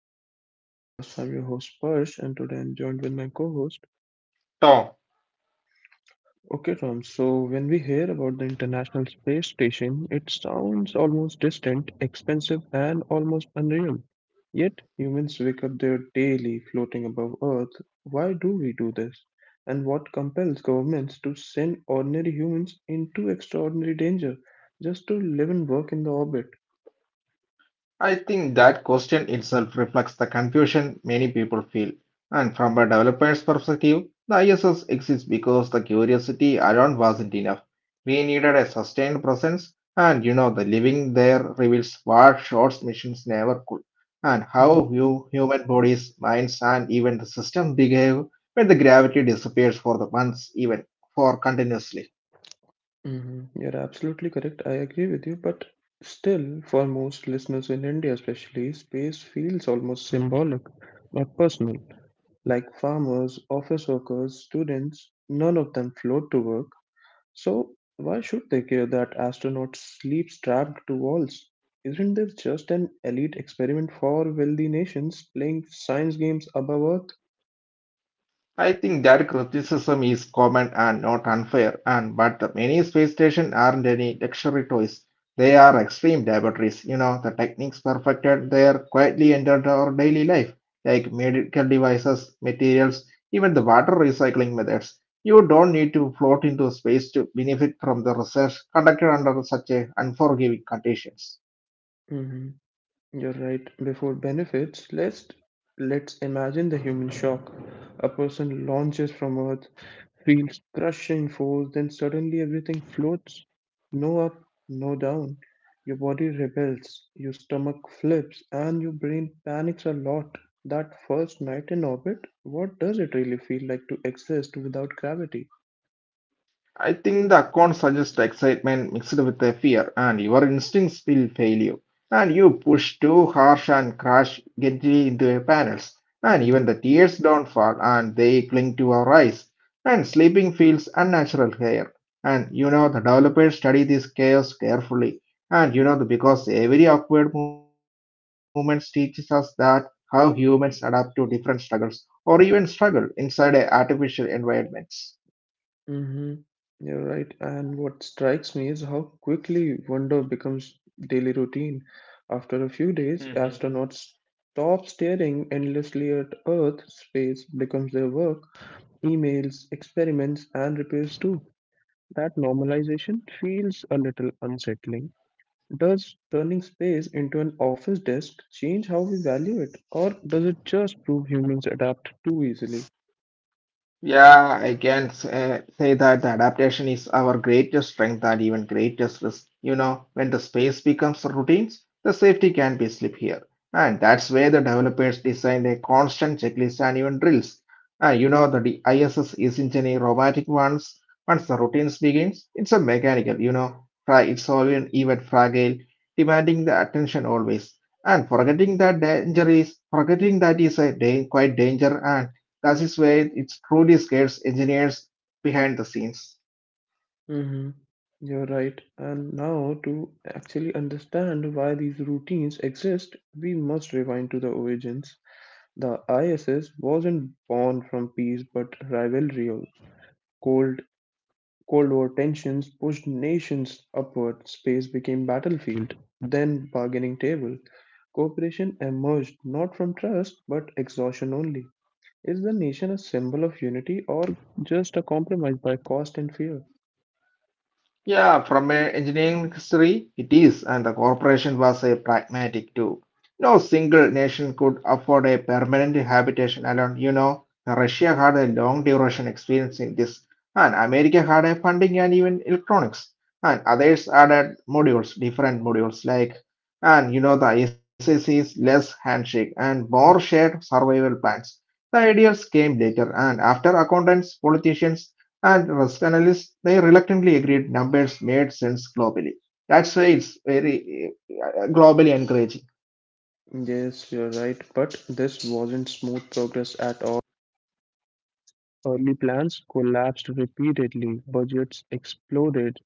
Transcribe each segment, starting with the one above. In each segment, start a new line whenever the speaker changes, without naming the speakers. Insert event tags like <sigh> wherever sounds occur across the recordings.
back to my podcast. I'm your host Persh, and today I'm joined with my co-host.
Tom,
Okay, Tom. So when we hear about the International Space Station, it sounds almost distant, expensive, and almost unreal. Yet humans wake up there daily, floating above Earth. Why do we do this? And what compels governments to send ordinary humans into extraordinary danger just to live and work in the orbit?
I think that question itself reflects the confusion many people feel. And from a developer's perspective, the ISS exists because the curiosity alone wasn't enough. We needed a sustained presence, and the living there reveals what short missions never could, and
Mm-hmm.
how you human bodies, minds, and even the system behave when the gravity disappears for the months, even for continuously.
Mhm. You're absolutely correct. I agree with you, but still, for most listeners in India, especially, space feels almost symbolic, not personal. Like farmers, office workers, students, none of them float to work. So, why should they care that astronauts sleep strapped to walls? Isn't there just an elite experiment for wealthy nations playing science games above Earth?
I think that criticism is common and not unfair, and but the many space stations aren't any luxury toys. They are extreme laboratories. You know, the techniques perfected there quietly entered our daily life, like medical devices, materials, even the water recycling methods. You don't need to float into space to benefit from the research conducted under such a unforgiving conditions.
Mhm. You're right. Before benefits, let's imagine the human shock. A person launches from Earth, feels crushing force, then suddenly everything floats. No up, no down. Your body rebels, your stomach flips, and your brain panics a lot. That first night in orbit, what does it really feel like to exist without gravity?
I think the account suggests excitement mixed with a fear, and your instincts will fail you. And you push too harsh and crash gently into your panels. And
Mm-hmm.
even the tears don't fall, and they cling to our eyes. And sleeping feels unnatural here. And you know the developers study this chaos carefully. And you know because every awkward movement teaches us that how humans adapt to different struggles or even struggle inside a artificial environments.
Mm-hmm. You're right. And what strikes me is how quickly wonder becomes daily routine. After a few days, astronauts stop staring endlessly at Earth. Space becomes their work. Emails, experiments, and repairs too. That normalization feels a little unsettling. Does turning space into an office desk change how we value it, or does it just prove humans adapt too easily?
Yeah, I can say that adaptation is our greatest strength and even greatest risk. You know, when the space becomes routines, the safety can be slip here. And that's where the developers design a constant checklist and even drills. And you know, the ISS isn't any robotic ones. Once the routines begins, it's a mechanical, you know, it's always even fragile, demanding the attention always. And forgetting that is a quite danger and that is where it truly scares engineers behind the scenes.
Hmm. You're right. And now, to actually understand why these routines exist, we must rewind to the origins. The ISS wasn't born from peace but rivalry. Also, Cold, Cold War tensions pushed nations upward, space became battlefield, then bargaining table. Cooperation emerged not from trust but exhaustion only. Is the nation a symbol of unity or just a compromise by cost and fear?
Yeah, from an engineering history, it is, and the corporation was a pragmatic too. No single nation could afford a permanent habitation alone. You know, Russia had a long duration experience in this, and America had a funding and even electronics, and others added modules, different modules like, and you know, the SAC is less handshake and more shared survival plans. The ideas came later, and after accountants, politicians, and risk analysts, they reluctantly agreed numbers made sense globally. That's why it's very globally encouraging.
Yes, you're right, but this wasn't smooth progress at all. Early plans collapsed repeatedly, budgets exploded,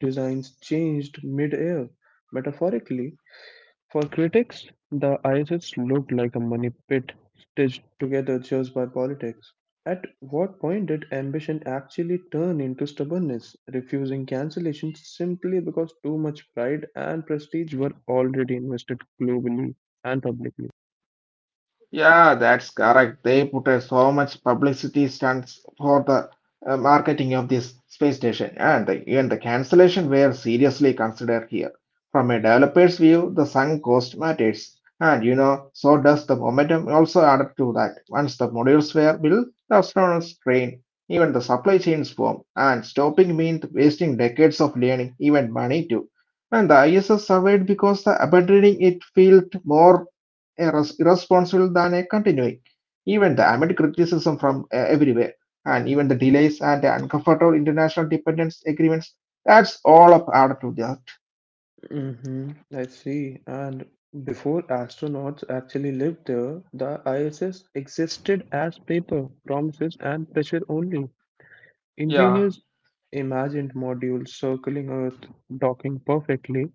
designs changed mid-air. Metaphorically, for critics, the ISS looked like a money pit stitched together just by politics. At what point did ambition actually turn into stubbornness, refusing cancellation simply because too much pride and prestige were already invested globally and publicly?
Yeah, that's correct. They put so much publicity stunts for the marketing of this space station, and even the cancellation were seriously considered here. From a developer's view, the sunk cost matters, and you know, so does the momentum also added to that. Once the modules were built, the astronauts trained, even the supply chains formed, and stopping meant wasting decades of learning, even money too. And the ISS survived because the abandoning it felt more irresponsible than a continuing. Even the amid criticism from everywhere, and even the delays and the uncomfortable international dependence agreements, that's all up added to that.
Mm-hmm, I see. And before astronauts actually lived there, the ISS existed as paper, promises, and pressure only.
Yeah,
Engineers imagined modules circling Earth, docking perfectly.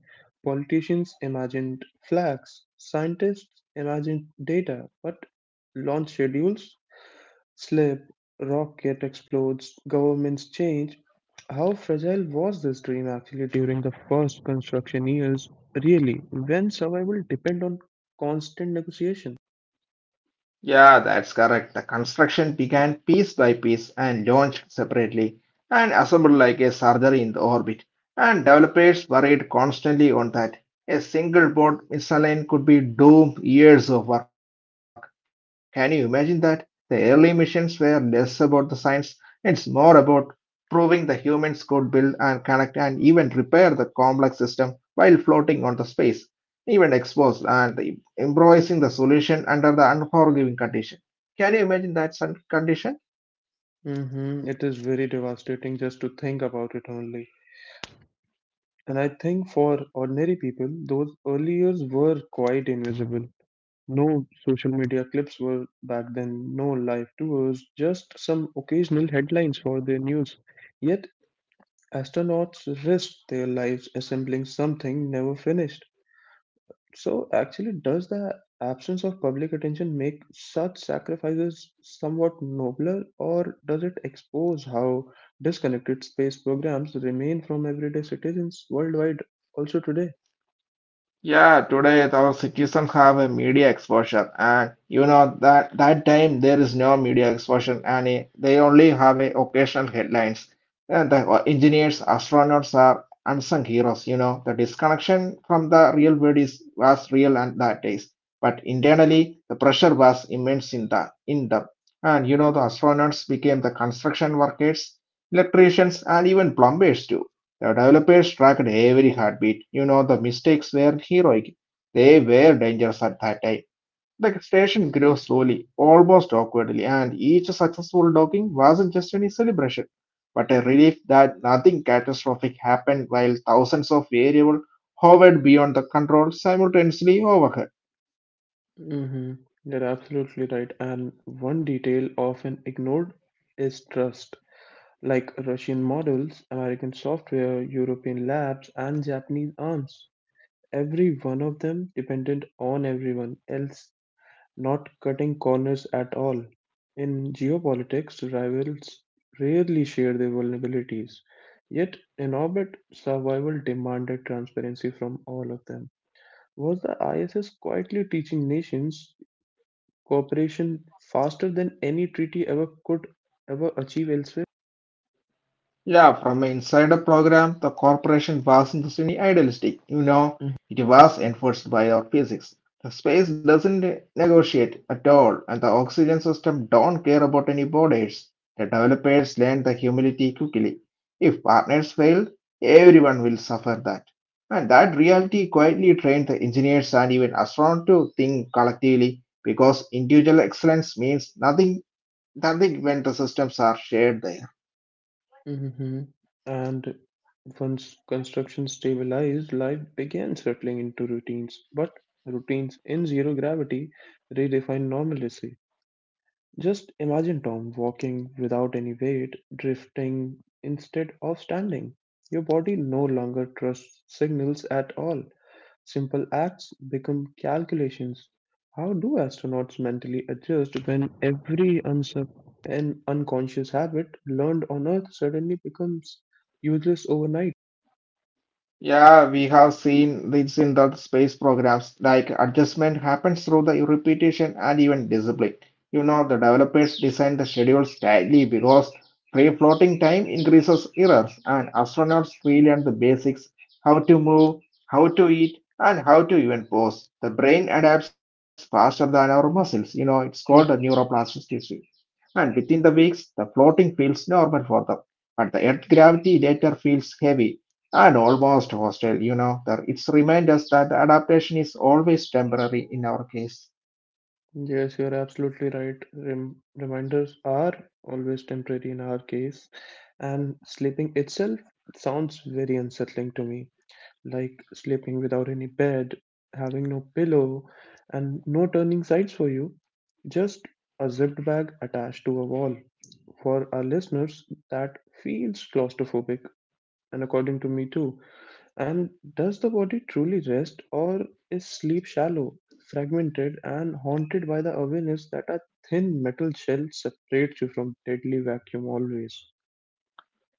Politicians imagined flags. Scientists imagined data. But launch schedules slip, rocket explodes, governments change. How fragile was this dream actually during the first construction years, really, when survival depend on constant negotiation?
yeah, that's correct. The construction began piece by piece and launched separately and assembled like a surgery in the orbit. And developers worried constantly on that. A single board misaligned could be doom years of work. Can you imagine that? The early missions were less about the science, it's more about proving the humans could build and connect and even repair the complex system while floating on the space, even exposed and improvising the solution under the unforgiving condition. Can you imagine that sun condition?
Mm-hmm. It is very devastating just to think about it only. And I think for ordinary people, those early years were quite invisible. No social media clips were back then, no live tours, just some occasional headlines for the news. Yet astronauts risked their lives assembling something never finished. So, actually, does the absence of public attention make such sacrifices somewhat nobler, or does it expose how disconnected space programs remain from everyday citizens worldwide also today?
Yeah, today our citizens have a media exposure, and you know that that time there is no media exposure, and they only have a occasional headlines. And the engineers, astronauts are unsung heroes. You know the disconnection from the real world is was real and that days, but internally the pressure was immense in them. And you know the astronauts became the construction workers, electricians, and even plumbers too. The developers tracked every heartbeat. You know, the mistakes were heroic. They were dangerous at that time. The station grew slowly, almost awkwardly, and each successful docking wasn't just any celebration, but a relief that nothing catastrophic happened while thousands of variables hovered beyond the control simultaneously overhead.
Mm-hmm. You're absolutely right. And one detail often ignored is trust. Like Russian models, American software, European labs, and Japanese arms. Every one of them dependent on everyone else, not cutting corners at all. In geopolitics, rivals rarely share their vulnerabilities. Yet, in orbit, survival demanded transparency from all of them. Was the ISS quietly teaching nations cooperation faster than any treaty ever could ever achieve elsewhere?
Yeah, from an insider program, the corporation wasn't just any idealistic. You know, it was enforced by our physics. The space doesn't negotiate at all, and the oxygen system don't care about any borders. The developers learned the humility quickly. If partners fail, everyone will suffer that. And that reality quietly trained the engineers and even astronauts to think collectively because individual excellence means nothing, nothing when the systems are shared there.
Hmm. And once construction stabilized, life began settling into routines. But routines in zero gravity redefine normalcy. Just imagine Tom walking without any weight, drifting instead of standing. Your body no longer trusts signals at all. Simple acts become calculations. How do astronauts mentally adjust when every an unconscious habit learned on Earth suddenly becomes useless overnight?
Yeah, we have seen this in the space programs, like adjustment happens through the repetition and even discipline. You know, the developers design the schedules tightly because free floating time increases errors, and astronauts relearn the basics how to move, how to eat, and how to even pose. The brain adapts faster than our muscles. You know, it's called the
Mm.
neuroplasticity and within the weeks the floating feels normal for them. But the earth gravity later feels heavy and almost hostile. It's remind us that the adaptation is always temporary in our case.
Yes, you're absolutely right. Reminders are always temporary in our case, and sleeping itself sounds very unsettling to me. Like sleeping without any bed, having no pillow, and no turning sides for you, just a zipped bag attached to a wall. For our listeners, that feels claustrophobic, and according to me too. And does the body truly rest, or is sleep shallow, fragmented, and haunted by the awareness that a thin metal shell separates you from deadly vacuum always?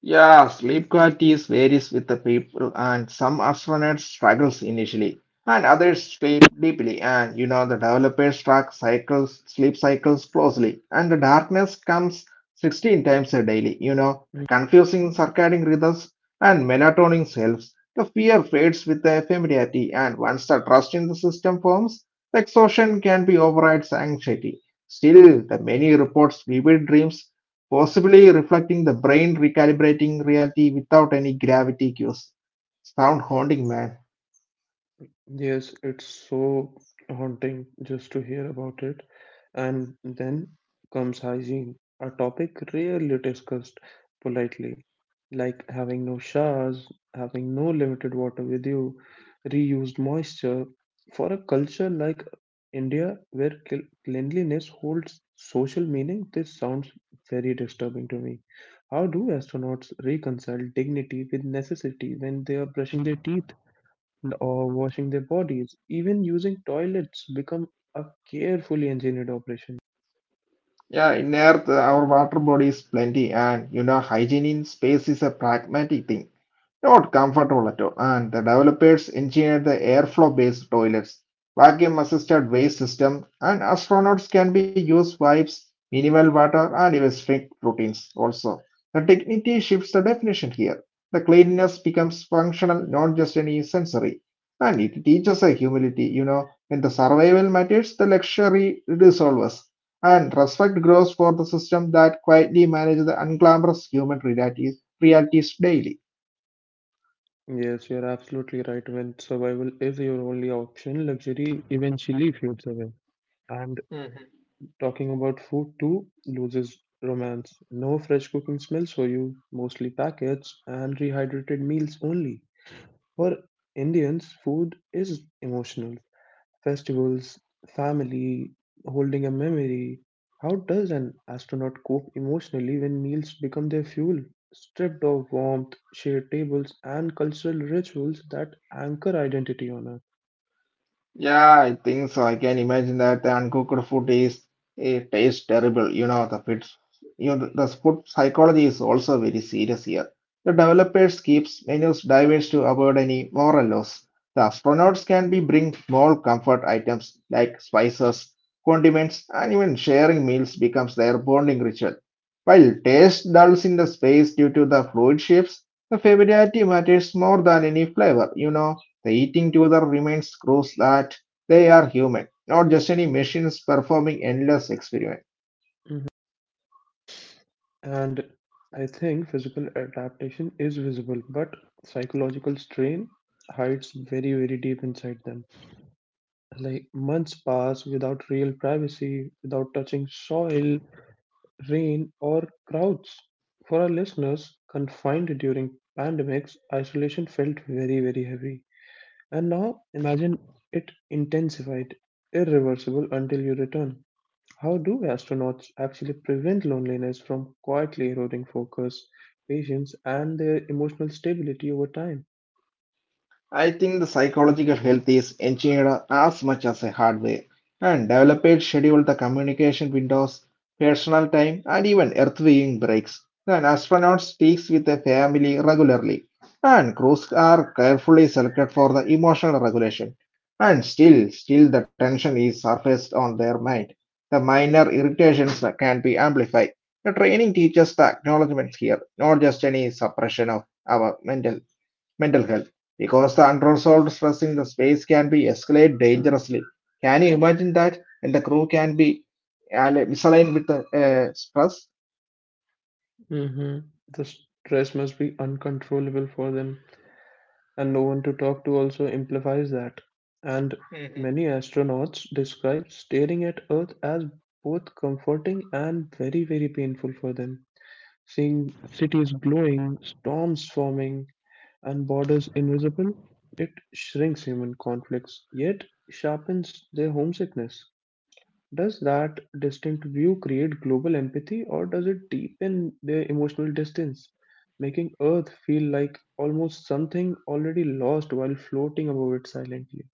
Yeah, sleep quality is varies with the people, and some astronauts struggles initially, and others sleep deeply. And you know, the developers track cycles, sleep cycles closely, and the darkness comes 16 times a daily. You know, the confusing circadian rhythms and melatonin helps. The fear fades with the familiarity, and once the trust in the system forms, the exhaustion can be overrides anxiety. Still, the many reports vivid dreams possibly reflecting the brain recalibrating reality without any gravity cues. Sound haunting, man.
Yes, it's so haunting just to hear about it. And then comes hygiene, a topic rarely discussed politely, like having no showers, having no limited water with you, reused moisture. For a culture like India, where cleanliness holds social meaning, this sounds very disturbing to me. How do astronauts reconcile dignity with necessity when they are brushing their teeth? Or washing their bodies. Even using toilets become a carefully engineered operation.
Yeah, in Earth, our water body is plenty, and you know, hygiene in space is a pragmatic thing. Not comfortable at all, and the developers engineered the airflow-based toilets, vacuum-assisted waste system, and astronauts can be used wipes, minimal water, and even strict routines also. The dignity shifts the definition here. The cleanliness becomes functional, not just any sensory. And it teaches a humility, you know, when the survival matters, the luxury dissolves. And respect grows for the system that quietly manages the unglamorous human realities daily.
Yes, you're absolutely right. When survival is your only option, luxury eventually fades away. And talking about food too loses romance. No fresh cooking smells for you, mostly packets and rehydrated meals only. For Indians, food is emotional. Festivals, family, holding a memory. How does an astronaut cope emotionally when meals become their fuel, stripped of warmth, shared tables, and cultural rituals that anchor identity on Earth?
Yeah, I think so. I can imagine that the uncooked food is it tastes terrible. You know, the food psychology is also very serious here. The developers keeps menus diverse to avoid any moral loss. The astronauts can be bring small comfort items like spices, condiments, and even sharing meals becomes their bonding ritual. While taste dulls in the space due to the fluid shifts, the familiarity matters more than any flavor. The eating together remains proves that they are human, not just any machines performing endless experiments.
Mhm. And I think physical adaptation is visible, but psychological strain hides very, very deep inside them. Like months pass without real privacy, without touching soil, rain, or crowds. For our listeners confined during pandemics, isolation felt very, very heavy. And now imagine it intensified, irreversible until you return. How do astronauts actually prevent loneliness from quietly eroding focus, patience, and their emotional stability over time?
I think the psychological health is engineered as much as a hardware and developers schedule the communication windows, personal time, and even earth viewing breaks. An astronaut speaks with a family regularly, and crews are carefully selected for the emotional regulation. And still the tension is surfaced on their mind. The minor irritations that can be amplified. The training teaches the acknowledgement here, not just any suppression of our mental health because the unresolved stress in the space can be escalate dangerously. Can you imagine that? And the crew can be misaligned with the stress.
Hmm. The stress must be uncontrollable for them and no one to talk to also amplifies that. And many astronauts describe staring at Earth as both comforting and very, very painful for them. Seeing cities glowing, storms forming, and borders invisible, it shrinks human conflicts, yet sharpens their homesickness. Does that distant view create global empathy or does it deepen their emotional distance, making Earth feel like almost something already lost while floating above it silently?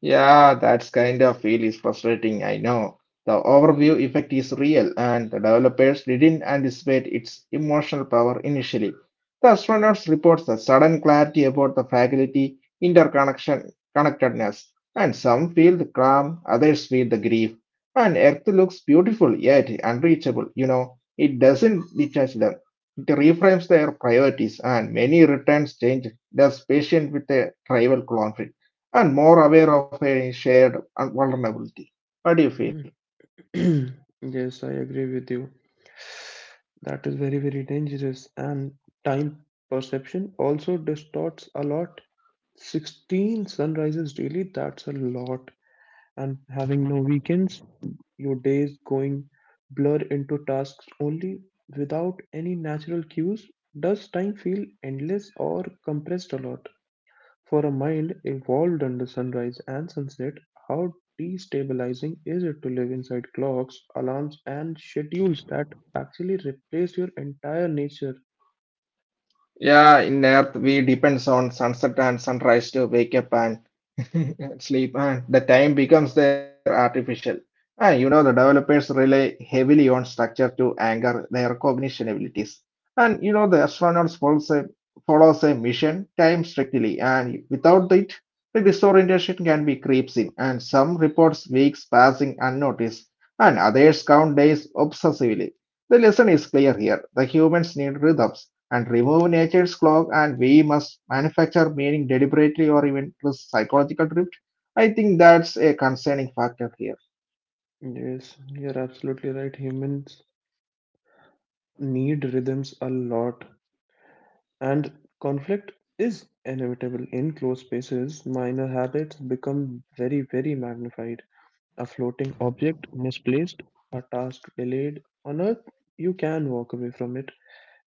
Yeah, that's kind of feel is frustrating, I know. The overview effect is real, and the developers didn't anticipate its emotional power initially. The astronauts reports a sudden clarity about the fragility, interconnection, connectedness, and some feel the calm, others feel the grief. And Earth looks beautiful yet unreachable. It doesn't detach them. It reframes their priorities, and many returns change, thus patient with a tribal conflict and more aware of a shared vulnerability. What do you feel?
Mhm. <clears throat> Yes, I agree with you. That is very, very dangerous. And time perception also distorts a lot. 16 sunrises daily, that's a lot. And having no weekends, your days going blur into tasks only without any natural cues. Does time feel endless or compressed a lot? For a mind evolved under sunrise and sunset, how destabilizing is it to live inside clocks, alarms, and schedules that actually replace your entire nature?
Yeah, in Earth we depends on sunset and sunrise to wake up and <laughs> sleep, and the time becomes their artificial. And you know the developers rely heavily on structure to anchor their cognition abilities. And you know the astronauts follows a mission time strictly, and without it, the disorientation can be creeps in, and some reports weeks passing unnoticed, and others count days obsessively. The lesson is clear here. The humans need rhythms and remove nature's clock and we must manufacture meaning deliberately or even through psychological drift. I think that's a concerning factor here.
Yes, you're absolutely right. Humans need rhythms a lot. And conflict is inevitable in closed spaces. Minor habits become very, very magnified. A floating object misplaced, a task delayed. On Earth, you can walk away from it.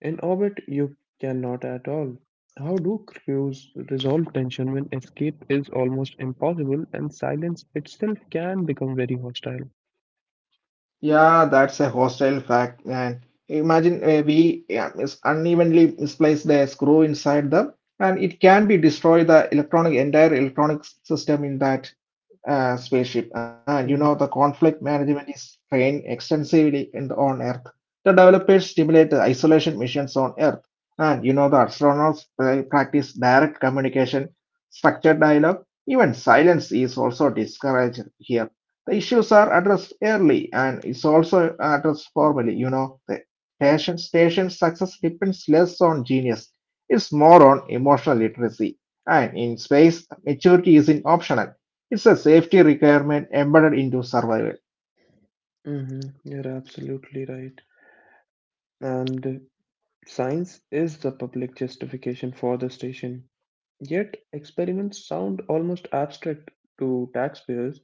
In orbit, you cannot at all. How do crews resolve tension when escape is almost impossible and silence itself can become very hostile?
Yeah, that's a hostile fact and imagine a we, yeah, is unevenly misplaced the screw inside and it can be destroy the electronic entire electronic system in that spaceship. You know, the
Mhm.
conflict management is trained extensively on Earth. The developers stimulate the isolation missions on Earth. And you know, the astronauts practice direct communication, structured dialogue, even silence is also discouraged here. The issues are addressed early and is also addressed formally. You know, the station's success depends less on genius, it's more on emotional literacy. And in space, maturity isn't optional. It's a safety requirement embedded into survival.
Mhm. You're absolutely right. And science is the public justification for the station. Yet, experiments sound almost abstract to taxpayers,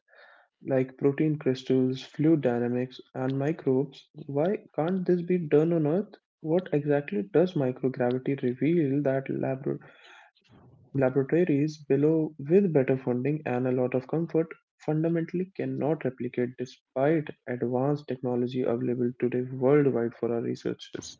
like protein crystals, fluid dynamics, and microbes. Why can't this be done on Earth? What exactly does microgravity reveal that laboratories below, with better funding and a lot of comfort, fundamentally cannot replicate despite advanced technology available today worldwide for our researchers?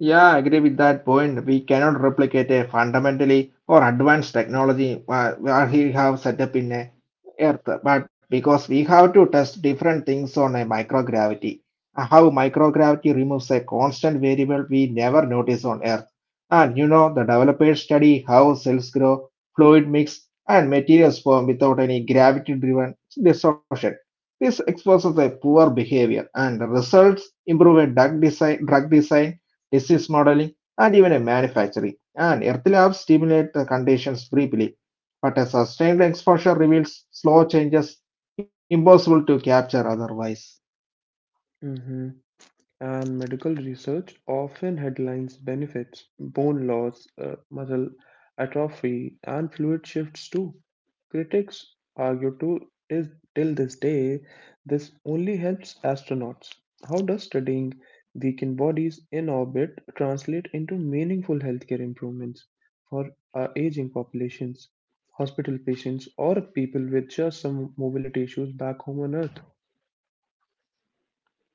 Yeah, I agree with that point. We cannot replicate a fundamentally or advanced technology where we have set up in a Earth, but because we have to test different things on a microgravity. How microgravity removes a constant variable we never notice on Earth. And you know, the developers study how cells grow, fluid mix, and materials form without any gravity-driven distortion. This exposes a poor behavior, and the results improve a drug design disease modeling, and even a manufacturing. And Earth labs stimulate the conditions briefly, but a sustained exposure reveals slow changes impossible to capture otherwise.
Mhm. And medical research often headlines benefits, bone loss, muscle atrophy, and fluid shifts too. Critics argue to is till this day this only helps astronauts. How does studying weakened bodies in orbit translate into meaningful healthcare improvements for our aging populations, hospital patients, or people with just some mobility issues back home on Earth?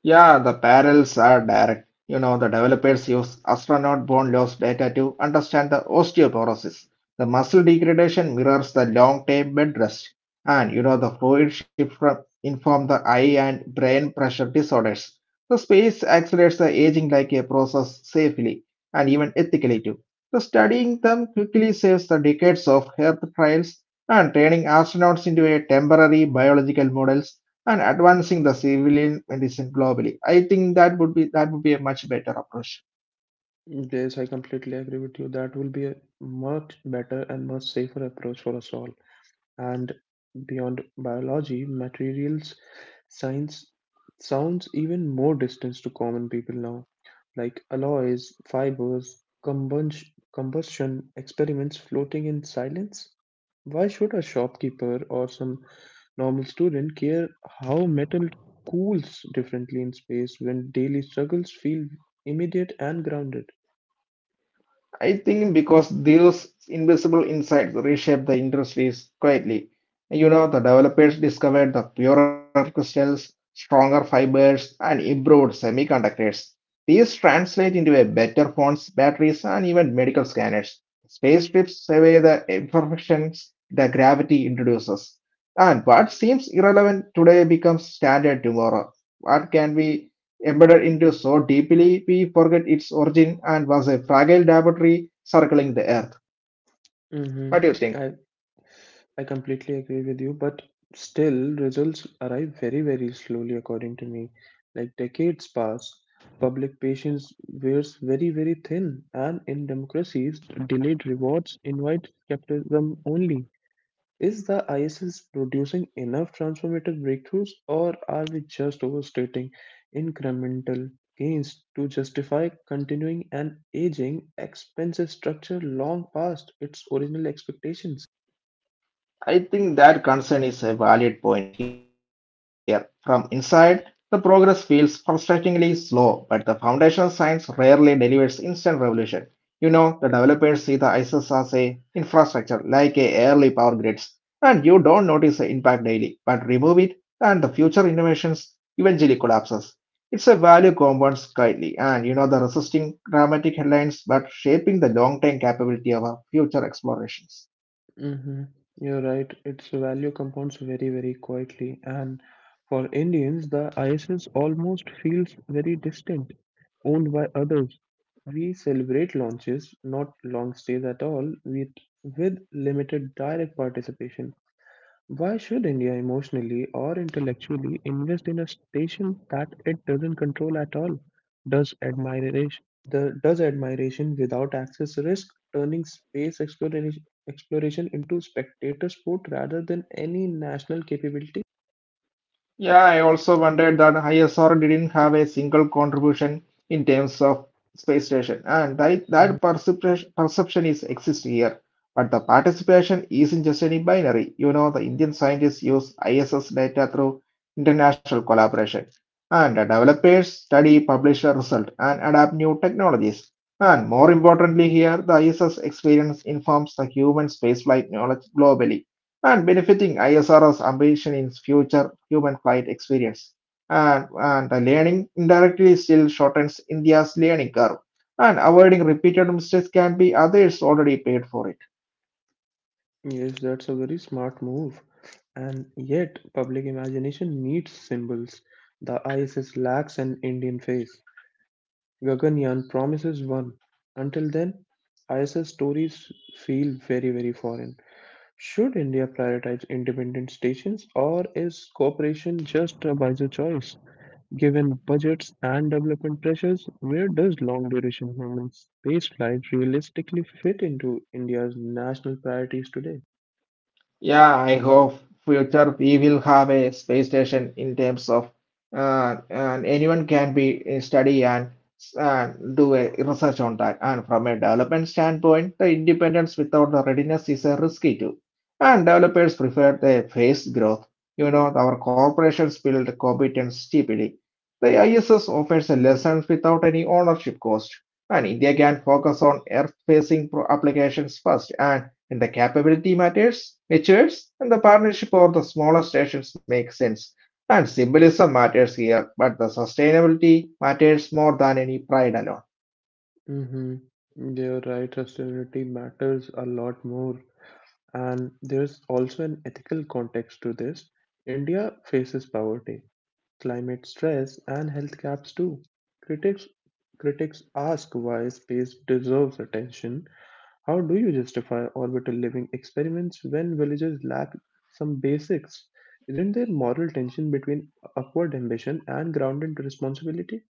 Yeah, the parallels are direct. You know, the developers use astronaut bone loss data to understand the osteoporosis. The muscle degradation mirrors the long term bed rest. And, you know, the fluid shift from inform the eye and brain pressure disorders. The space accelerates the aging like a process safely and even ethically too. The studying them quickly saves the decades of health trials and training astronauts into a temporary biological models and advancing the civilian medicine globally. I think that would be a much better approach.
Yes, I completely agree with you. That will be a much better and much safer approach for us all. And beyond biology, materials science sounds even more distant to common people now, like alloys, fibers, combustion experiments floating in silence. Why should a shopkeeper or some normal student care how metal cools differently in space when daily struggles feel immediate and grounded?
I think because those invisible insights reshape the industries quietly. You know, the developers discovered the purer crystals, stronger fibers, and improved semiconductors. These translate into a better phones, batteries, and even medical scanners. Space trips survey the imperfections the gravity introduces. And what seems irrelevant today becomes standard tomorrow. What can be embedded into so deeply we forget its origin and was a fragile laboratory circling the earth.
Hmm.
What do you think?
I I completely agree with you, but still results arrive very, very slowly according to me. Like decades pass, public patience wears very, very thin, and in democracies, delayed rewards invite skepticism only. Is the ISS producing enough transformative breakthroughs, or are we just overstating incremental gains to justify continuing an aging, expensive structure long past its original expectations?
I think that concern is a valid point here. From inside, the progress feels frustratingly slow, but the foundation science rarely delivers instant revolution. You know, the developers see the ISS as a infrastructure like a early power grids, and you don't notice the impact daily, but remove it and the future innovations eventually collapses. It's a value compounds quietly, and you know the resisting dramatic headlines but shaping the long-term capability of our future explorations.
Mm-hmm. You're right. Its value compounds very, very quietly. And for Indians, the ISS almost feels very distant, owned by others. We celebrate launches, not long stays at all, with limited direct participation. Why should India emotionally or intellectually invest in a station that it doesn't control at all? Does does admiration without access risk turning space exploration into spectator sport rather than any national capability?
Yeah, I also wondered that ISR didn't have a single contribution in terms of space station, and that,
Mhm.
that perception is exists here. But the participation isn't just any binary. You know, the Indian scientists use ISS data through international collaboration, and the developers study, publish a result, and adapt new technologies. And more importantly, here the ISS experience informs the human spaceflight knowledge globally and benefiting ISRO's ambition in future human flight experience. And the learning indirectly still shortens India's learning curve, and avoiding repeated mistakes can be others already paid for it.
Yes, that's a very smart move. And yet, public imagination needs symbols. The ISS lacks an Indian face. Gaganyaan promises one. Until then, ISS stories feel very, very foreign. Should India prioritize independent stations, or is cooperation just a wiser choice? Given budgets and development pressures, where does long duration human space flight realistically fit into India's national priorities today?
Yeah, I hope future we will have a space station in terms of and anyone can be study and do a research on that. And from a development standpoint, the independence without the readiness is a risky too. And developers prefer the phased growth. You know, our corporations build competence steeply. The ISS offers a lessons without any ownership cost, and India can focus on applications first and the capability matures, and the partnership or the smaller stations makes sense. And symbolism matters here, but the sustainability matters more than any pride alone.
Mm-hmm. You're right, sustainability matters a lot more. And there's also an ethical context to this. India faces poverty, climate stress, and health gaps too. Critics critics ask why space deserves attention. How do you justify orbital living experiments when villages lack some basics? Isn't there moral tension between upward ambition and grounded responsibility?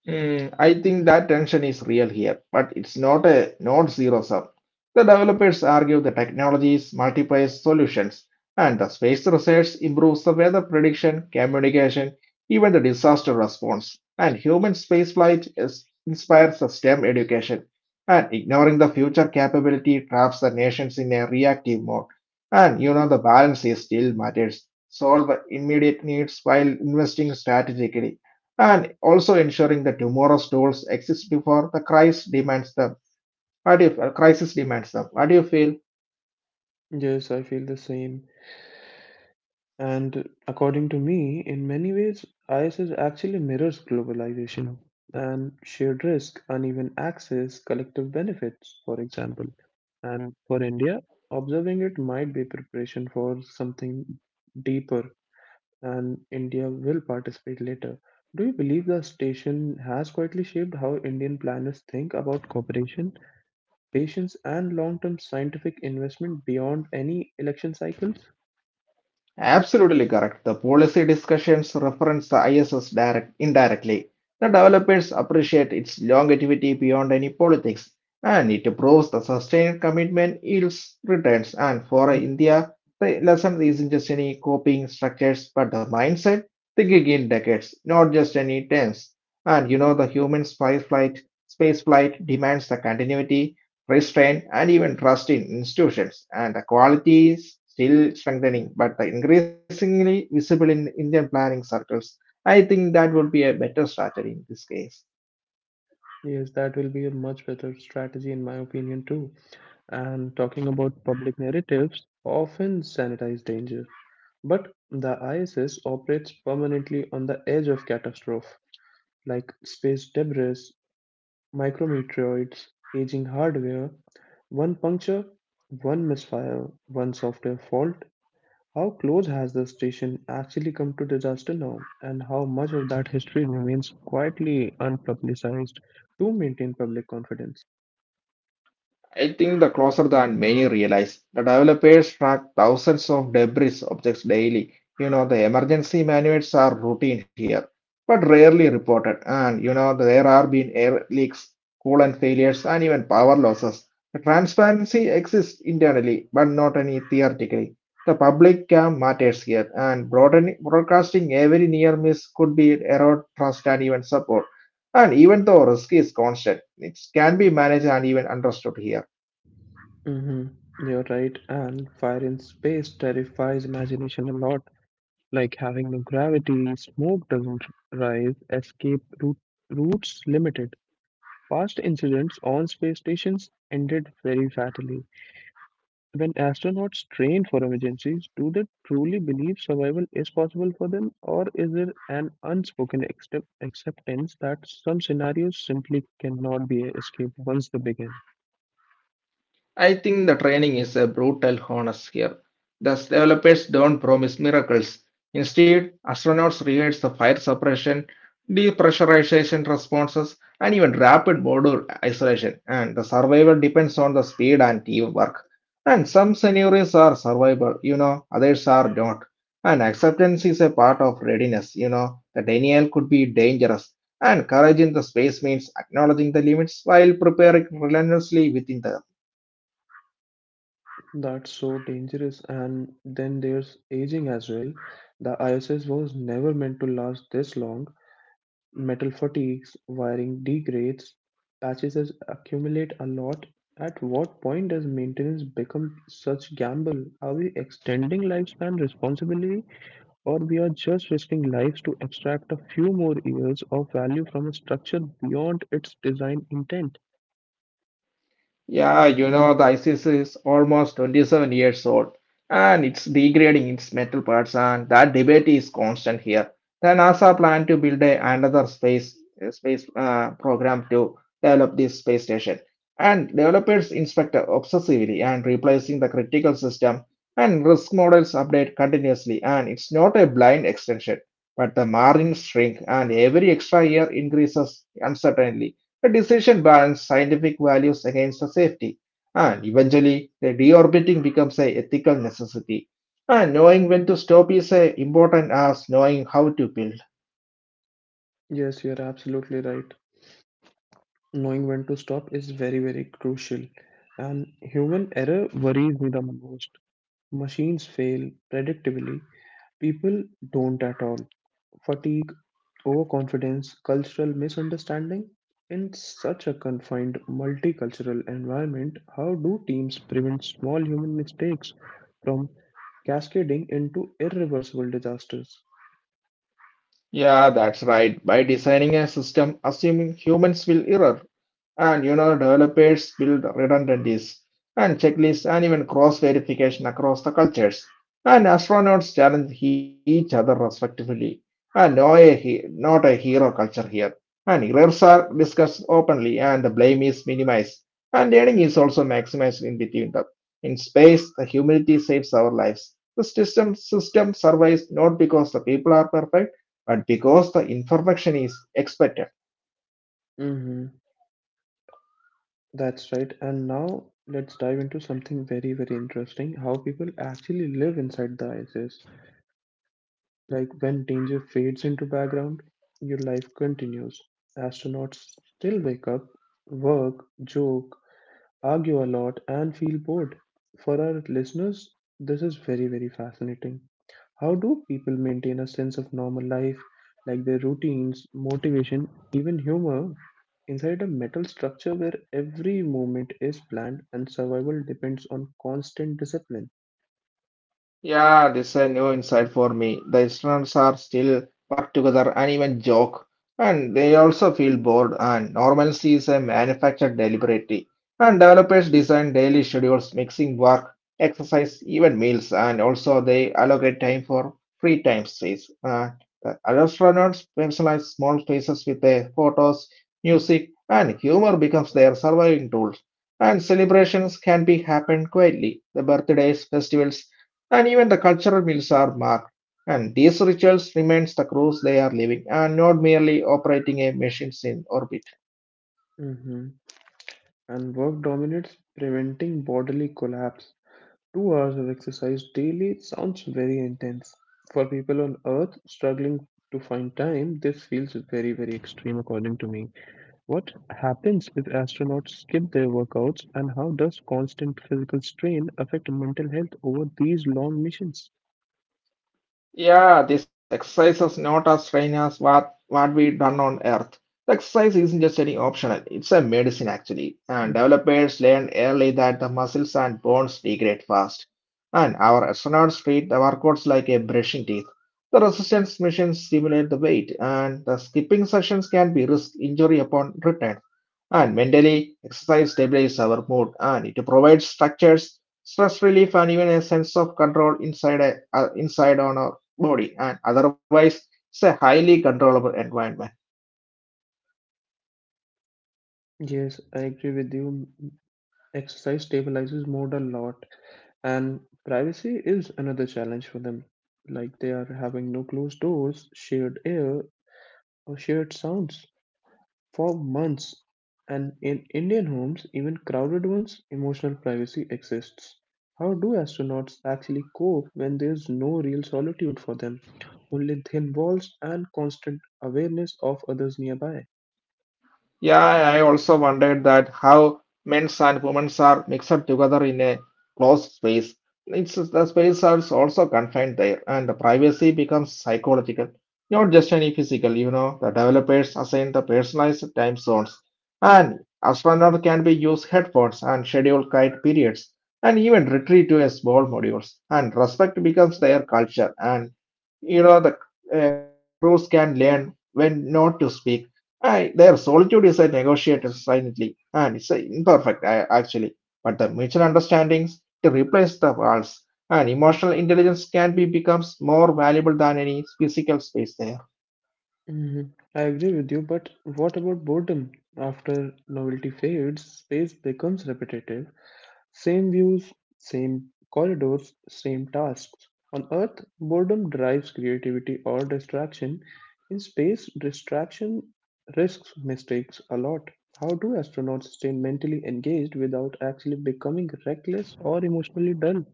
I think that tension is real here, but it's not zero sum. The developers argue the technologies multiplies solutions, and the space research improves the weather prediction, communication, even the disaster response. And human spaceflight is, inspires the STEM education, and ignoring the future capability traps the nations in a reactive mode. And you know the balance is still matters. Solve immediate needs while investing strategically and also ensuring that tomorrow's tools exist before the crisis demands them. What do you, crisis demands them? What do you feel?
Yes, I feel the same. And according to me, in many ways, ISS actually mirrors globalization and shared risk, uneven access, collective benefits, for example. And for India, observing it might be preparation for something deeper, and India will participate later. Do you believe the station has quietly shaped how Indian planners think about cooperation, patience, and long term scientific investment beyond any election cycles?
Absolutely correct. The policy discussions reference the ISS direct, indirectly. The developers appreciate its longevity beyond any politics, and it proves the sustained commitment yields returns. And for India, the lesson isn't just any coping structures, but the mindset thinking in decades, not just any terms. And you know, the human spy flight, space flight demands the continuity restraint, and even trust in institutions. And the quality is still strengthening, but the increasingly visible in Indian planning circles. I think that would be a better strategy in this case.
Yes, that will be a much better strategy, in my opinion, too. And talking about public narratives, often sanitize danger. But the ISS operates permanently on the edge of catastrophe, like space debris, micrometeoroids, aging hardware. One puncture, one misfire, one software fault. How close has the station actually come to disaster now, and how much of that history remains quietly unpublicized to maintain public confidence?
I think the closer than many realize. The developers track thousands of debris objects daily. You know, the emergency manuals are routine here, but rarely reported. And, you know, there are been air leaks, coolant failures, and even power losses. The transparency exists internally, but not any theoretically. The public cam matters here, and broadcasting every near miss could be erode trust and even support. And even though risk is constant, it can be managed and even understood here.
Mhm. You're right, and fire in space terrifies imagination a lot. Like having no gravity, smoke doesn't rise, escape routes limited. Past incidents on space stations ended very fatally. When astronauts train for emergencies, do they truly believe survival is possible for them, or is there an unspoken acceptance that some scenarios simply cannot be escaped once they begin?
I think the training is a brutal honest here. The developers don't promise miracles. Instead, astronauts rehearse the fire suppression, depressurization responses, and even rapid module isolation, and the survival depends on the speed and teamwork. And some scenarios are survivable, you know, others are not. And acceptance is a part of readiness, you know, the denial could be dangerous. And courage in the space means acknowledging the limits while preparing relentlessly within the
That's so dangerous. And then there's aging as well. The ISS was never meant to last this long. Metal fatigues, wiring degrades, patches accumulate a lot. At what point does maintenance become such gamble? Are we extending lifespan responsibly, or we are just risking lives to extract a few more years of value from a structure beyond its design intent?
Yeah, you know, the ISIS is almost 27 years old and it's degrading its metal parts, and that debate is constant here. The NASA plan to build a, another space program to develop this space station, and developers inspect obsessively and replacing the critical system and risk models update continuously. And it's not a blind extension, but the margins shrink, and every extra year increases uncertainly. The decision balanced scientific values against the safety, and eventually, the deorbiting becomes a ethical necessity. And knowing when to stop is as important as knowing how to build.
Yes, you're absolutely right. Knowing when to stop is very, very crucial, and human error worries me the most. Machines fail predictably, people don't at all. Fatigue, overconfidence, cultural misunderstanding. In such a confined multicultural environment, how do teams prevent small human mistakes from cascading into irreversible disasters?
Yeah, that's right. By designing a system, assuming humans will err, and you know developers build redundancies and checklists and even cross verification across the cultures and astronauts challenge each other respectively and not a hero culture here and errors are discussed openly and the blame is minimized and learning is also maximized in between them in space the humility saves our lives the system survives not because the people are perfect but because the information is expected.
Mhm. That's right. And now let's dive into something very, very interesting, how people actually live inside the ISS. Like when danger fades into background, your life continues. Astronauts still wake up, work, joke, argue a lot, and feel bored. For our listeners, this is very, very fascinating. How do people maintain a sense of normal life, like their routines, motivation, even humor, inside a metal structure where every movement is planned and survival depends on constant discipline?
Yeah, this is a new insight for me. The Easterns are still work together and even joke, and they also feel bored. And normalcy is a manufactured deliberately. And developers design daily schedules, mixing work, exercise, even meals, and also they allocate time for free time space. The astronauts personalize small spaces with their photos, music, and humor becomes their surviving tools. And celebrations can be happened quietly. The birthdays, festivals and even the cultural meals are marked. And these rituals remains the cruise they are living and not merely operating a machines in orbit.
Hmm. And work dominates, preventing bodily collapse. Two hours of exercise daily sounds very intense. For people on Earth struggling to find time, this feels very, very extreme, according to me. What happens if astronauts skip their workouts, and how does constant physical strain affect mental health over these long missions?
Yeah, this exercise is not as strange as what we done on Earth. The exercise isn't just any optional, it's a medicine actually. And
Mhm.
developers learned early that the muscles and bones degrade fast. And our astronauts treat the workouts like a brushing teeth. The resistance missions simulate the weight, and the skipping sessions can be risk injury upon return. And mentally, exercise stabilizes our mood and it provides structures, stress relief, and even a sense of control inside on our body. And otherwise, it's a highly controllable environment.
Yes, I agree with you. Exercise stabilizes mood a lot, and privacy is another challenge for them. Like they are having no closed doors, shared air, or shared sounds. For months, and in Indian homes, even crowded ones, emotional privacy exists. How do astronauts actually cope when there's no real solitude for them? Only thin walls and constant awareness of others nearby.
Yeah, I also wondered that how men's and women's are mixed together in a closed space. It's the space are also confined there, and the privacy becomes psychological, not just any physical. You know, the developers assign the personalized time zones, and astronauts can be used headphones and schedule quiet periods, and even retreat to a small modules. And respect becomes their culture, and you know the crews can learn when not to speak I, their solitude is a negotiated silently, and it's a actually, but the mutual understandings to replace the walls, and emotional intelligence can be becomes more valuable than any physical space there.
Mhm. I agree with you, but what about boredom? After novelty fades, space becomes repetitive. Same views, same corridors, same tasks. On Earth, boredom drives creativity or distraction. In space, distraction risks mistakes a lot. How do astronauts stay mentally engaged without actually becoming reckless or emotionally dull?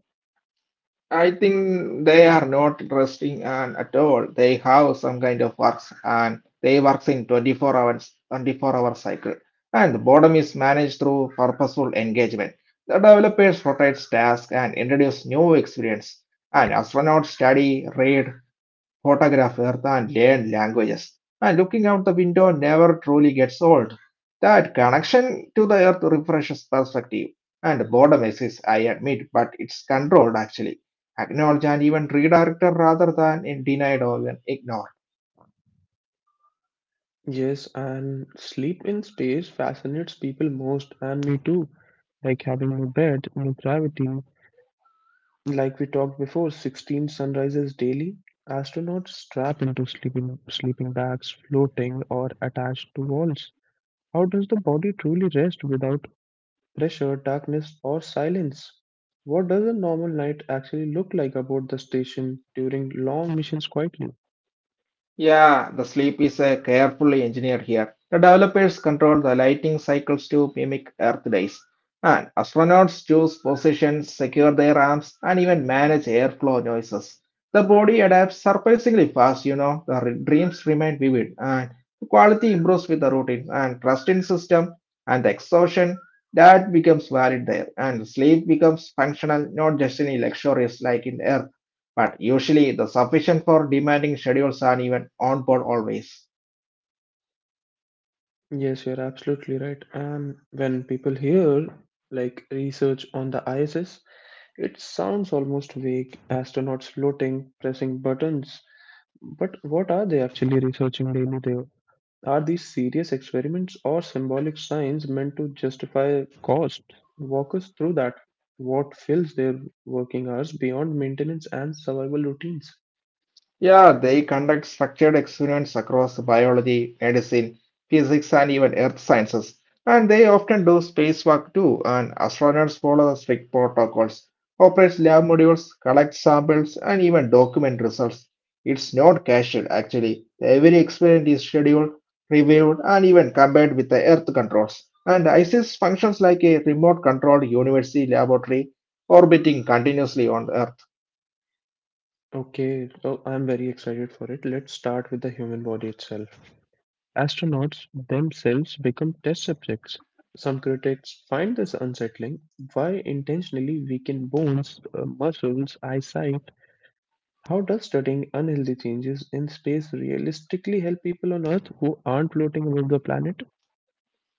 I think they are not resting and at all. They have some kind of works and they works in 24 hours, 24-hour cycle. And the boredom is managed through purposeful engagement. The developers rotates tasks and introduce new experience. And astronauts study, read, photograph Earth and learn languages. And looking out the window never truly gets old. That connection to the Earth refreshes perspective. And boredom exists, I admit, but it's controlled actually acknowledged and even redirected rather than denied or ignored.
Yes, and sleep in space fascinates people most, and me too. Like having no bed, no gravity, like we talked before, 16 sunrises daily. Astronauts strap into sleeping bags, floating or attached to walls. How does the body truly rest without pressure, darkness, or silence? What does a normal night actually look like aboard the station during long missions quietly?
Yeah, the sleep is carefully engineered here. The developers control the lighting cycles to mimic Earth days. And astronauts choose positions, secure their arms, and even manage airflow noises. The body adapts surprisingly fast, you know. Dreams remain vivid, and the quality improves with the routine and trust in system and the exhaustion that becomes valid there. And sleep becomes functional, not just any luxurious like in Earth but usually the sufficient for demanding schedules are even on board always.
Yes, you're absolutely right. And when people hear like research on the ISS, it sounds almost vague. Astronauts floating, pressing buttons, but what are they actually researching daily there? Are these serious experiments or symbolic signs meant to justify cost? Walk us through that. What fills their working hours beyond maintenance and survival routines?
Yeah, they conduct structured experiments across biology, medicine, physics, and even earth sciences. And they often do spacewalk too, and astronauts follow the strict protocols, operate lab modules, collect samples, and even document results. It's not casual, actually. Every experiment is scheduled, reviewed, and even compared with the Earth controls. And ISIS functions like a remote controlled university laboratory orbiting continuously on Earth.
Okay, so I'm very excited for it. Let's start with the human body itself. Astronauts themselves become test subjects. Some critics find this unsettling. Why intentionally weaken bones, muscles, eyesight, how does studying unhealthy changes in space realistically help people on Earth who aren't floating above the planet?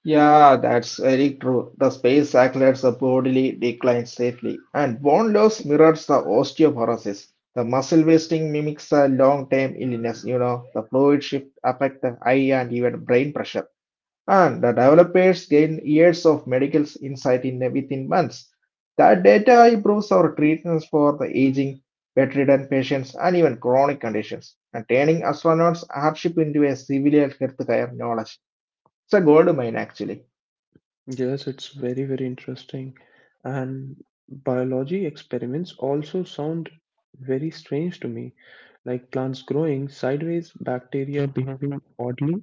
Yeah, that's very true. The space accelerates the bodily decline safely, and bone loss mirrors the osteoporosis. The muscle wasting mimics a long-term illness. You know, the fluid shift affect the eye and even brain pressure. And the developers gain years of medical insight in within months. That data improves our treatments for the aging, bedridden patients, and even chronic conditions, and turning astronauts hardship into a civilian healthcare knowledge. It's a gold mine, actually.
Yes, it's very, very interesting. And biology experiments also sound very strange to me, like plants growing sideways, bacteria behaving oddly.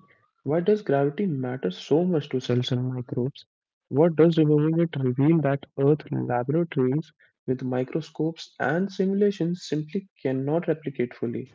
Why does gravity matter so much to cells and microbes? What does removing it reveal that Earth laboratories with microscopes and simulations simply cannot replicate fully?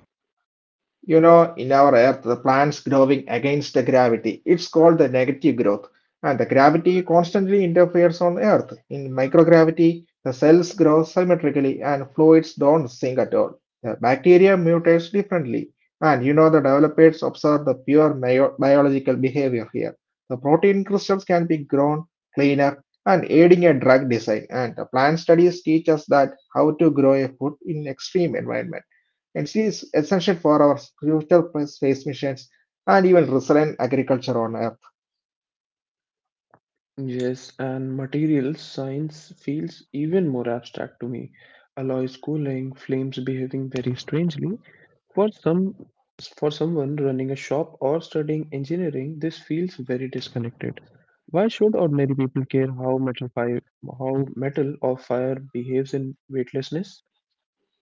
You know, in our Earth, the plants growing against the gravity. It's called the negative growth. And the gravity constantly interferes on Earth. In microgravity, the cells grow symmetrically and fluids don't sink at all. The bacteria mutates differently. And you know, the developers observe the pure biological behavior here. The protein crystals can be grown cleaner and aiding a drug design. And the plant studies teach us that how to grow a food in extreme environments. It is essential for our future space missions and even resilient agriculture on Earth.
Yes, and materials science feels even more abstract to me. Alloys cooling, flames behaving very strangely. For some, for someone running a shop or studying engineering, this feels very disconnected. Why should ordinary people care how metal or fire behaves in weightlessness?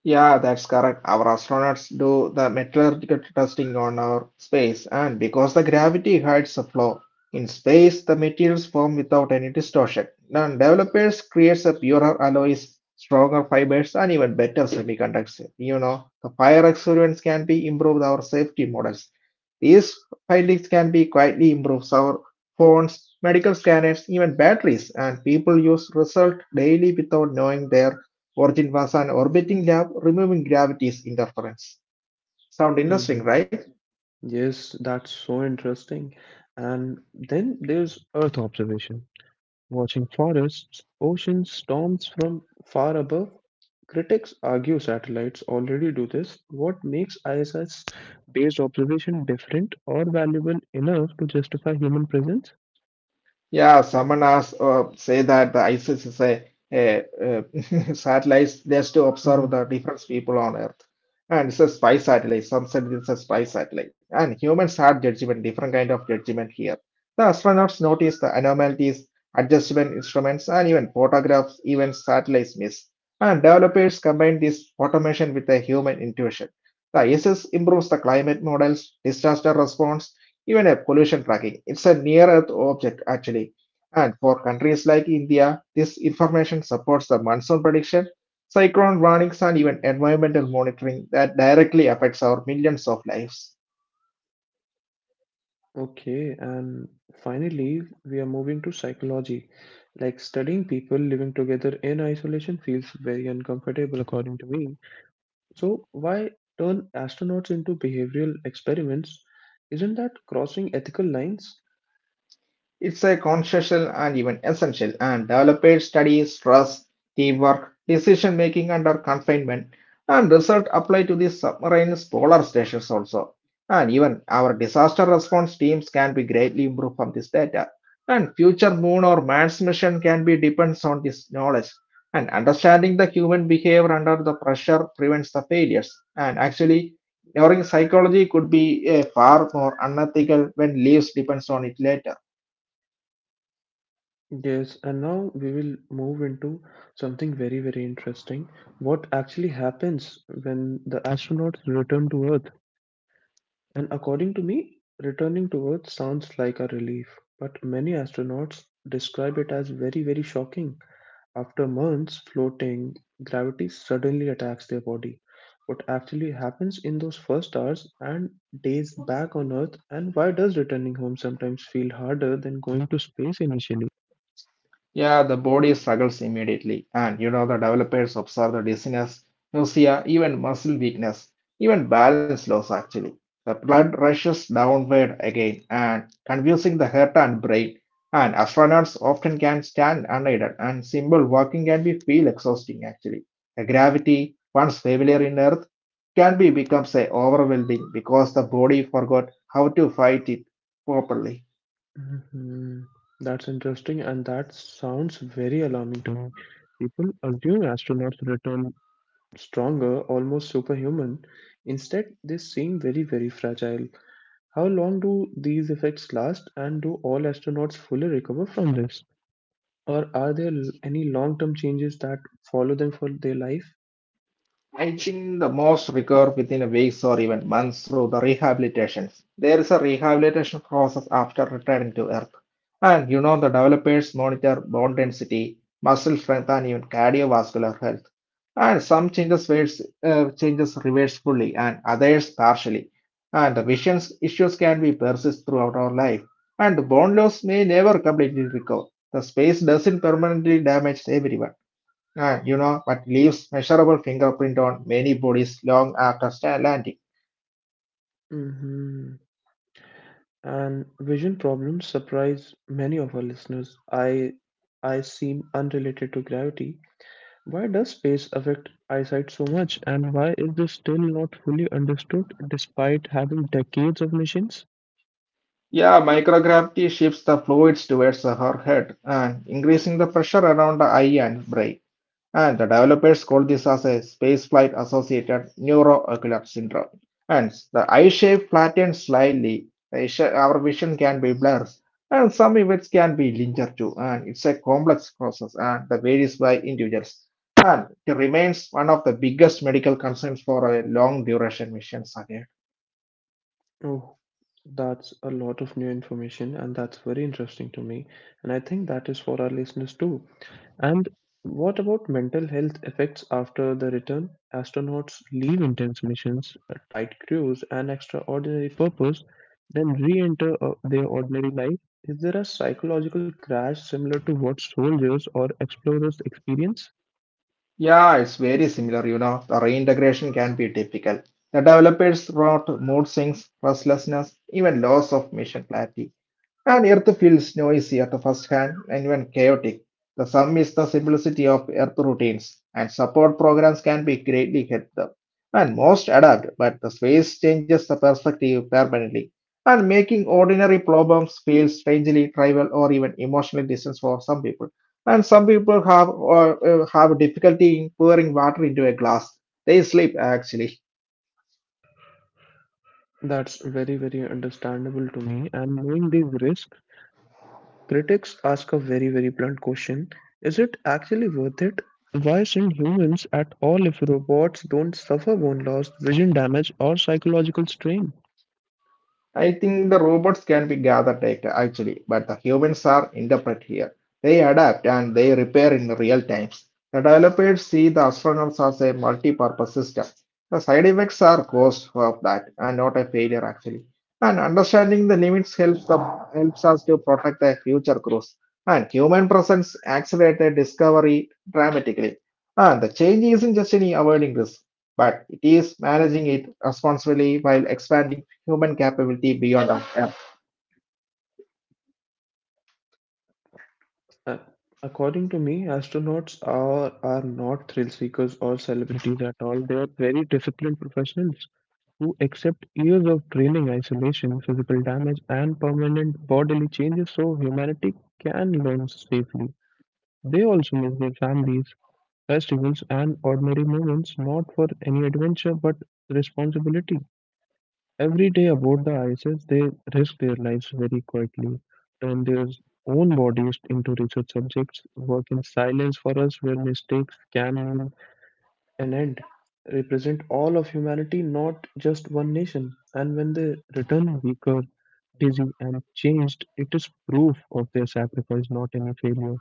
Yeah, that's correct. Our astronauts do the metallurgical testing on our space, and because the gravity hides the flaw, in space the materials form without any distortion. Now, developers creates a purer alloys, stronger fibers, and even better semiconductors. You know, the fire experiments can be improved our safety models. These findings can be quietly improved our phones, medical scanners, even batteries, and people use result daily without knowing their origin was an orbiting lab removing gravity's interference. Sound interesting,
Hmm.
right?
Yes, that's so interesting. And then there's Earth observation. Watching forests, oceans, storms from far above, critics argue satellites already do this. What makes ISS based observation different or valuable enough to justify human presence?
Yeah, someone asked, say that the ISIS is a <laughs> satellite just to observe
Hmm.
the different people on Earth. And it's a spy satellite. Some said it's a spy satellite. And humans had judgment, different kind of judgment here. The astronauts noticed the anomalies, adjustment instruments, and even photographs, even satellites miss. And developers combined this automation with a human intuition. The ISIS improves the climate models, disaster response, even a pollution tracking. It's a near Earth object, actually. And for countries like India, this information supports the monsoon prediction, cyclone warnings, and even environmental monitoring that directly affects our millions of lives.
Okay, and finally, we are moving to psychology. Like studying people living together in isolation feels very uncomfortable, according to me. So, why turn astronauts into behavioral experiments? Isn't that crossing ethical lines?
It's a conscientious and even essential, and developed studies, stress, teamwork, decision making under confinement, and result apply to the submarine polar stations also. And even our disaster response teams can be greatly improved from this data. And future moon or man's mission can be depends on this knowledge. And understanding the human behavior under the pressure prevents the failures. And actually, ignoring psychology could be a far more unethical when lives depends on it later.
Yes, and now we will move into something very, very interesting. What actually happens when the astronauts return to Earth? And according to me, returning to Earth sounds like a relief, but many astronauts describe it as very, very shocking. After months floating, gravity suddenly attacks their body. What actually happens in those first hours and days back on Earth, and why does returning home sometimes feel harder than going to space initially?
Yeah, the body struggles immediately, and you know the developers observe the dizziness, nausea, even muscle weakness, even balance loss actually. The blood rushes downward again and confusing the heart and brain. And astronauts often can stand unaided, and simple walking can be feel exhausting actually. The gravity, once familiar in Earth, can be becomes a overwhelming because the body forgot how to fight it properly.
Mhm. That's interesting, and that sounds very alarming to me. People assume astronauts return stronger, almost superhuman. Instead, they seem very, very fragile. How long do these effects last, and do all astronauts fully recover from this? Or are there any long-term changes that follow them for their life?
I think the most recover within a weeks or even months through the rehabilitations. There is a rehabilitation process after returning to Earth. And you know, the developers monitor bone density, muscle strength, and even cardiovascular health. And changes reverse fully, and others partially. And the vision issues can be persist throughout our life. And the bone loss may never completely recover. The space doesn't permanently damage everyone. Ah, you know, but leaves measurable fingerprint on many bodies long after landing.
Hmm. And vision problems surprise many of our listeners. I seem unrelated to gravity. Why does space affect eyesight so much, and why is this still not fully understood despite having decades of missions?
Yeah, microgravity shifts the fluids towards her head and increasing the pressure around the eye and brain. And the developers call this as a spaceflight associated neuroocular syndrome. And the eye shape flattens slightly, our vision can be blurred, and some events can be linear too. And it's a complex process and that varies by individuals. And it remains one of the biggest medical concerns for a long duration mission again.
Oh, that's a lot of new information, and that's very interesting to me. And I think that is for our listeners too. And what about mental health effects after the return? Astronauts leave intense missions, a tight crews, and extraordinary purpose, then re enter their ordinary life. Is there a psychological crash similar to what soldiers or explorers experience?
Yeah, it's very similar, you know. The reintegration can be difficult. The developers wrote mood swings, restlessness, even loss of mission clarity. And Earth feels noisy at the first hand and even chaotic. The sum is the simplicity of Earth routines, and support programs can be greatly helpful. And most adapt, but the space changes the perspective permanently, and making ordinary problems feel strangely trivial or even emotionally distant for some people. And some people have or have difficulty in pouring water into a glass. They sleep actually.
That's very, very understandable to me. And knowing these risks, critics ask a very, very blunt question. Is it actually worth it? Why send humans at all if robots don't suffer bone loss, vision damage, or psychological strain?
I think the robots can be gathered data actually, but the humans are interpret here. They adapt and they repair in real times. The developers see the astronauts as a multi-purpose system. The side effects are cause of that and not a failure actually. And understanding the helps us to protect the future crews. And human presence accelerated discovery dramatically. And the change isn't just in avoiding risk, but it is managing it responsibly while expanding human capability beyond our app.
Uh, According to me, astronauts are not thrill seekers or celebrities at all. They are very disciplined professionals who accept years of training, isolation, physical damage, and permanent bodily changes so humanity can learn safely. They also miss their families, festivals, and ordinary moments, not for any adventure but responsibility. Every day aboard the ISS, they risk their lives very quietly, turn their own bodies into research subjects, work in silence for us where mistakes can have an end, represent all of humanity, not just one nation. And when they return weaker, dizzy, and changed, it is proof of their sacrifice, not any failure.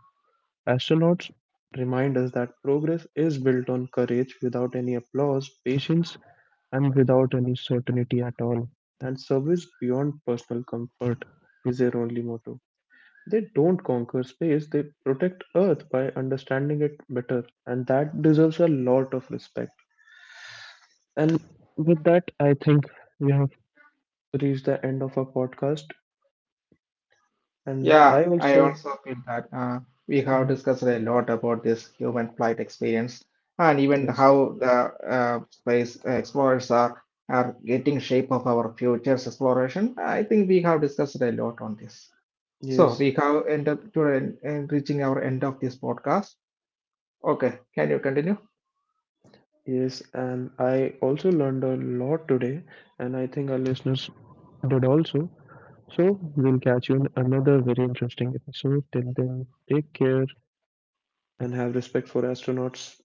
Astronauts remind us that progress is built on courage without any applause, patience, and without any certainty at all. And service beyond personal comfort is their only motto. They don't conquer space, they protect Earth by understanding it better, and that deserves a lot of respect. And with that, I think we have reached the end of our podcast. And
Yeah,
I
I
also,
also feel that we have
mhm,
discussed a lot about this human flight experience and even
yes,
how the space explorers are getting shape of our future's exploration. I think we have discussed a lot on this. So
yes,
we have ended to en- en- reaching our end of this podcast. Okay, can you continue?
yes, and I also learned a lot today, and I think our listeners did also. So we'll catch you in another very interesting episode. Till then, take care and have respect for astronauts.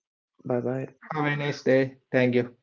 Bye bye.
Have a nice day. Thank you.